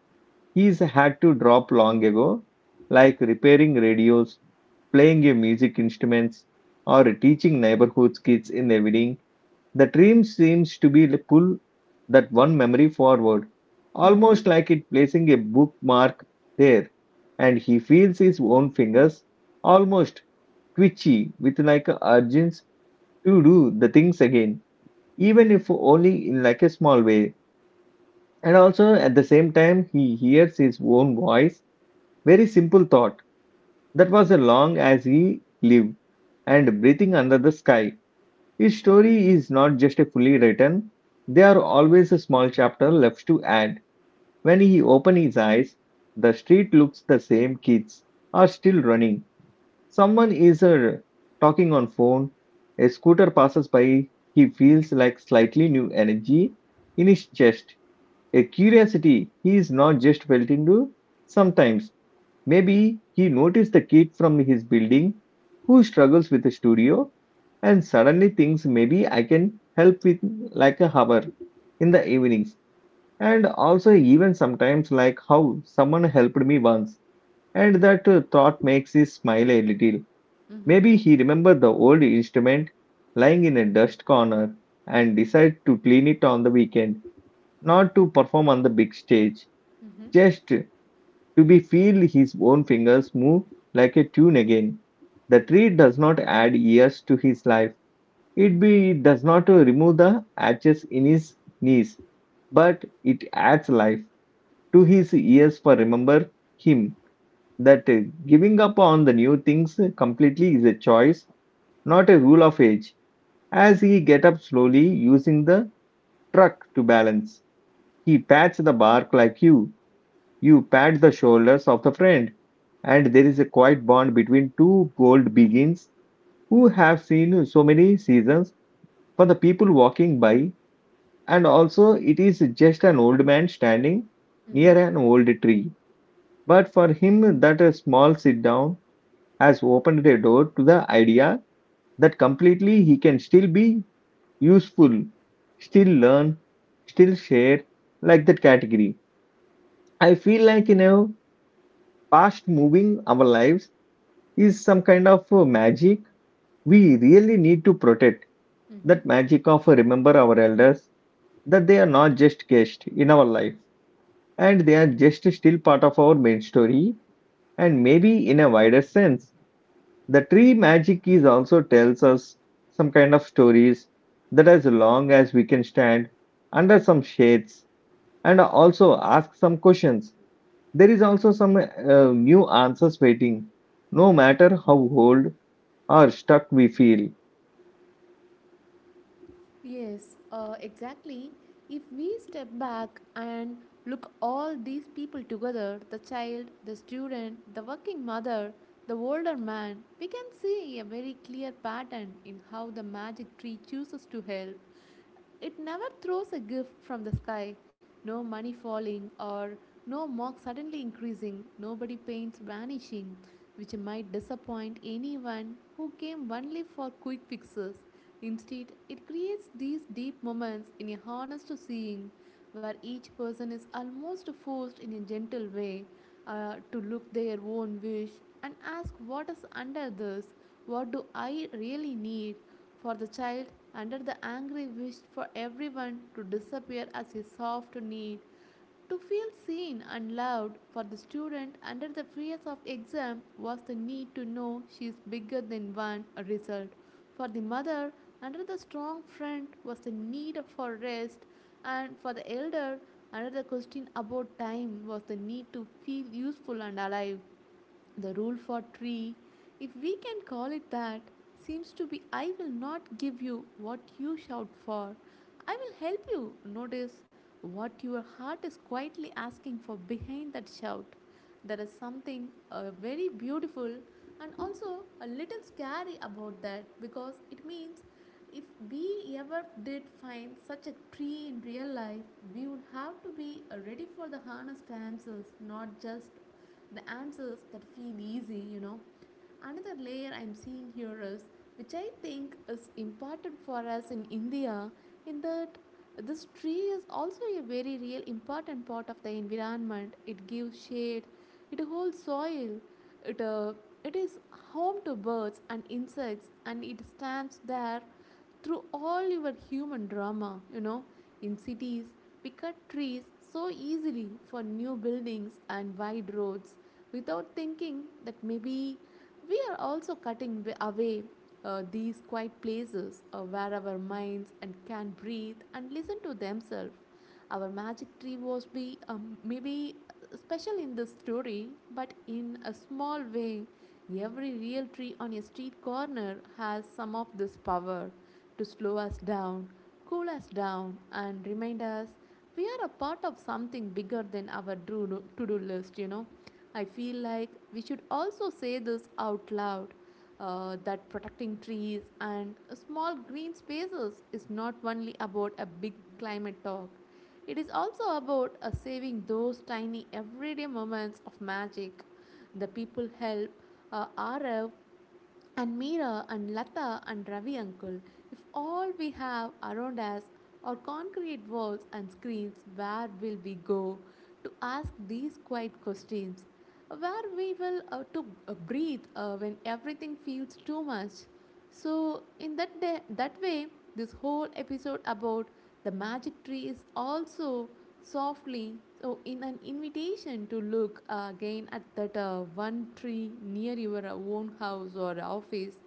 Speaker 1: he's had to drop long ago, like repairing radios, playing a music instruments, or teaching neighborhood kids in the evening. The dream seems to be to pull that one memory forward,
Speaker 2: Mm-hmm.
Speaker 1: almost like it placing a bookmark there, and he feels his own fingers almost twitchy with like a urgent to do the things again, even if only in like a small way. And also at the same time, he hears his own voice. Very simple thought that was as long as he lived and breathing under the sky. His story is not just a fully written, there are always a small chapter left to add. When he opens his eyes, the street looks the same, kids are still running. Someone is uh, talking on phone, a scooter passes by, he feels like slightly new energy in his chest, a curiosity he is not just felt into. Sometimes, maybe he noticed the kid from his building who struggles with the studio and suddenly thinks maybe I can help with like a hour in the evenings. And also, even sometimes, like how someone helped me once, and that uh, thought makes you smile a little.
Speaker 2: Mm-hmm.
Speaker 1: Maybe he remembered the old instrument lying in a dust corner and decided to clean it on the weekend, not to perform on the big stage,
Speaker 2: Mm-hmm.
Speaker 1: just to be feel his own fingers move like a tune again. The tree does not add years to his life. It be it does not remove the ashes in his knees, but it adds life to his years for remember him that uh, giving up on the new things completely is a choice, not a rule of age. As he get up slowly, using the truck to balance, he pats the bark like you. You pat the shoulders of the friend, and there is a quiet bond between two bold beings who have seen so many seasons for the people walking by, and also it is just an old man standing
Speaker 2: Mm-hmm.
Speaker 1: near an old tree. But for him, that a small sit down has opened a door to the idea that completely he can still be useful, still learn, still share, like that category. I feel like, you know, past moving our lives is some kind of uh, magic we really need to protect.
Speaker 2: Mm-hmm.
Speaker 1: That magic of uh, remember our elders, that they are not just guests in our life and they are just still part of our main story. And maybe in a wider sense, the tree magic is also tells us some kind of stories that as long as we can stand under some shades and also ask some questions. There is also some uh, new answers waiting, no matter how old or stuck we feel.
Speaker 2: Yes, uh, exactly. If we step back and look all these people together, the child, the student, the working mother, the older man, we can see a very clear pattern in how the magic tree chooses to help. It never throws a gift from the sky. No money falling or no mark suddenly increasing, nobody paints vanishing, which might disappoint anyone who came only for quick fixes. Instead, it creates these deep moments in a honest seeing where each person is almost forced in a gentle way uh, to look their own wish and ask, what is under this, what do I really need, for the child, under the angry wish for everyone to disappear as his soft need, to feel seen and loved, for the student, under the fears of exam was the need to know she is bigger than one result. For the mother, under the strong friend was the need for rest, and for the elder, under the question about time was the need to feel useful and alive. The rule for tree, if we can call it that, seems to be, I will not give you what you shout for. I will help you notice what your heart is quietly asking for behind that shout. There is something uh, very beautiful and also a little scary about that, because it means if we ever did find such a tree in real life, we would have to be uh, ready for the harness dances, not just the answers that feel easy, you know. Another layer I'm seeing here is, which I think is important for us in India, in that this tree is also a very real important part of the environment. It gives shade, it holds soil, it, uh, it is home to birds and insects, and it stands there through all your human drama, you know. In cities, we cut trees so easily for new buildings and wide roads without thinking that maybe we are also cutting away uh, these quiet places uh, where our minds and can breathe and listen to themselves. Our magic tree was be um, maybe special in this story, but in a small way, every real tree on a street corner has some of this power to slow us down, cool us down, and remind us we are a part of something bigger than our to do list, you know. I feel like we should also say this out loud uh, that protecting trees and small green spaces is not only about a big climate talk, it is also about uh, saving those tiny everyday moments of magic. The people help uh, R F and Meera and Lata and Ravi uncle, if all we have around us are concrete walls and screens, where will we go to ask these quiet questions? Where we will uh, to uh, breathe uh, when everything feels too much? So in that day, that way, this whole episode about the magic tree is also softly so in an invitation to look again at that uh, one tree near your own house or office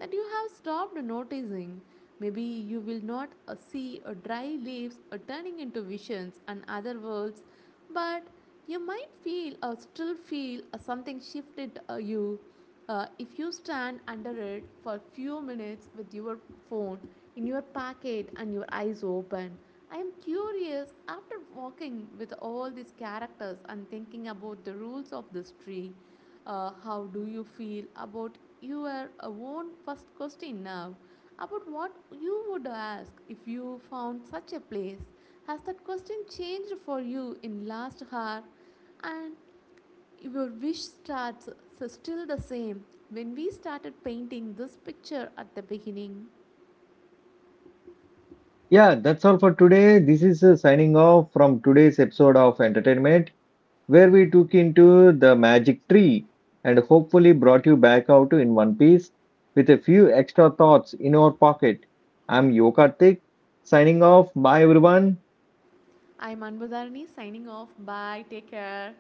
Speaker 2: that you have stopped noticing. Maybe you will not uh, see uh, dry leaves uh, turning into visions and other worlds, but you might feel or uh, still feel uh, something shifted uh, you uh, if you stand under it for a few minutes with your phone in your pocket and your eyes open. I am curious, after walking with all these characters and thinking about the rules of this tree, uh, how do you feel about your uh, own first question now, about what you would ask if you found such a place? Has that question changed for you in last hour, and your wish starts so still the same when we started painting this picture at the beginning?
Speaker 1: Yeah, that's all for today. This is uh, signing off from today's episode of Entertainment, where we took into the magic tree and hopefully brought you back out in one piece with a few extra thoughts in our pocket. I'm Yokartik, signing off. Bye, everyone.
Speaker 2: I'm Anbudharani signing off. Bye. Take care.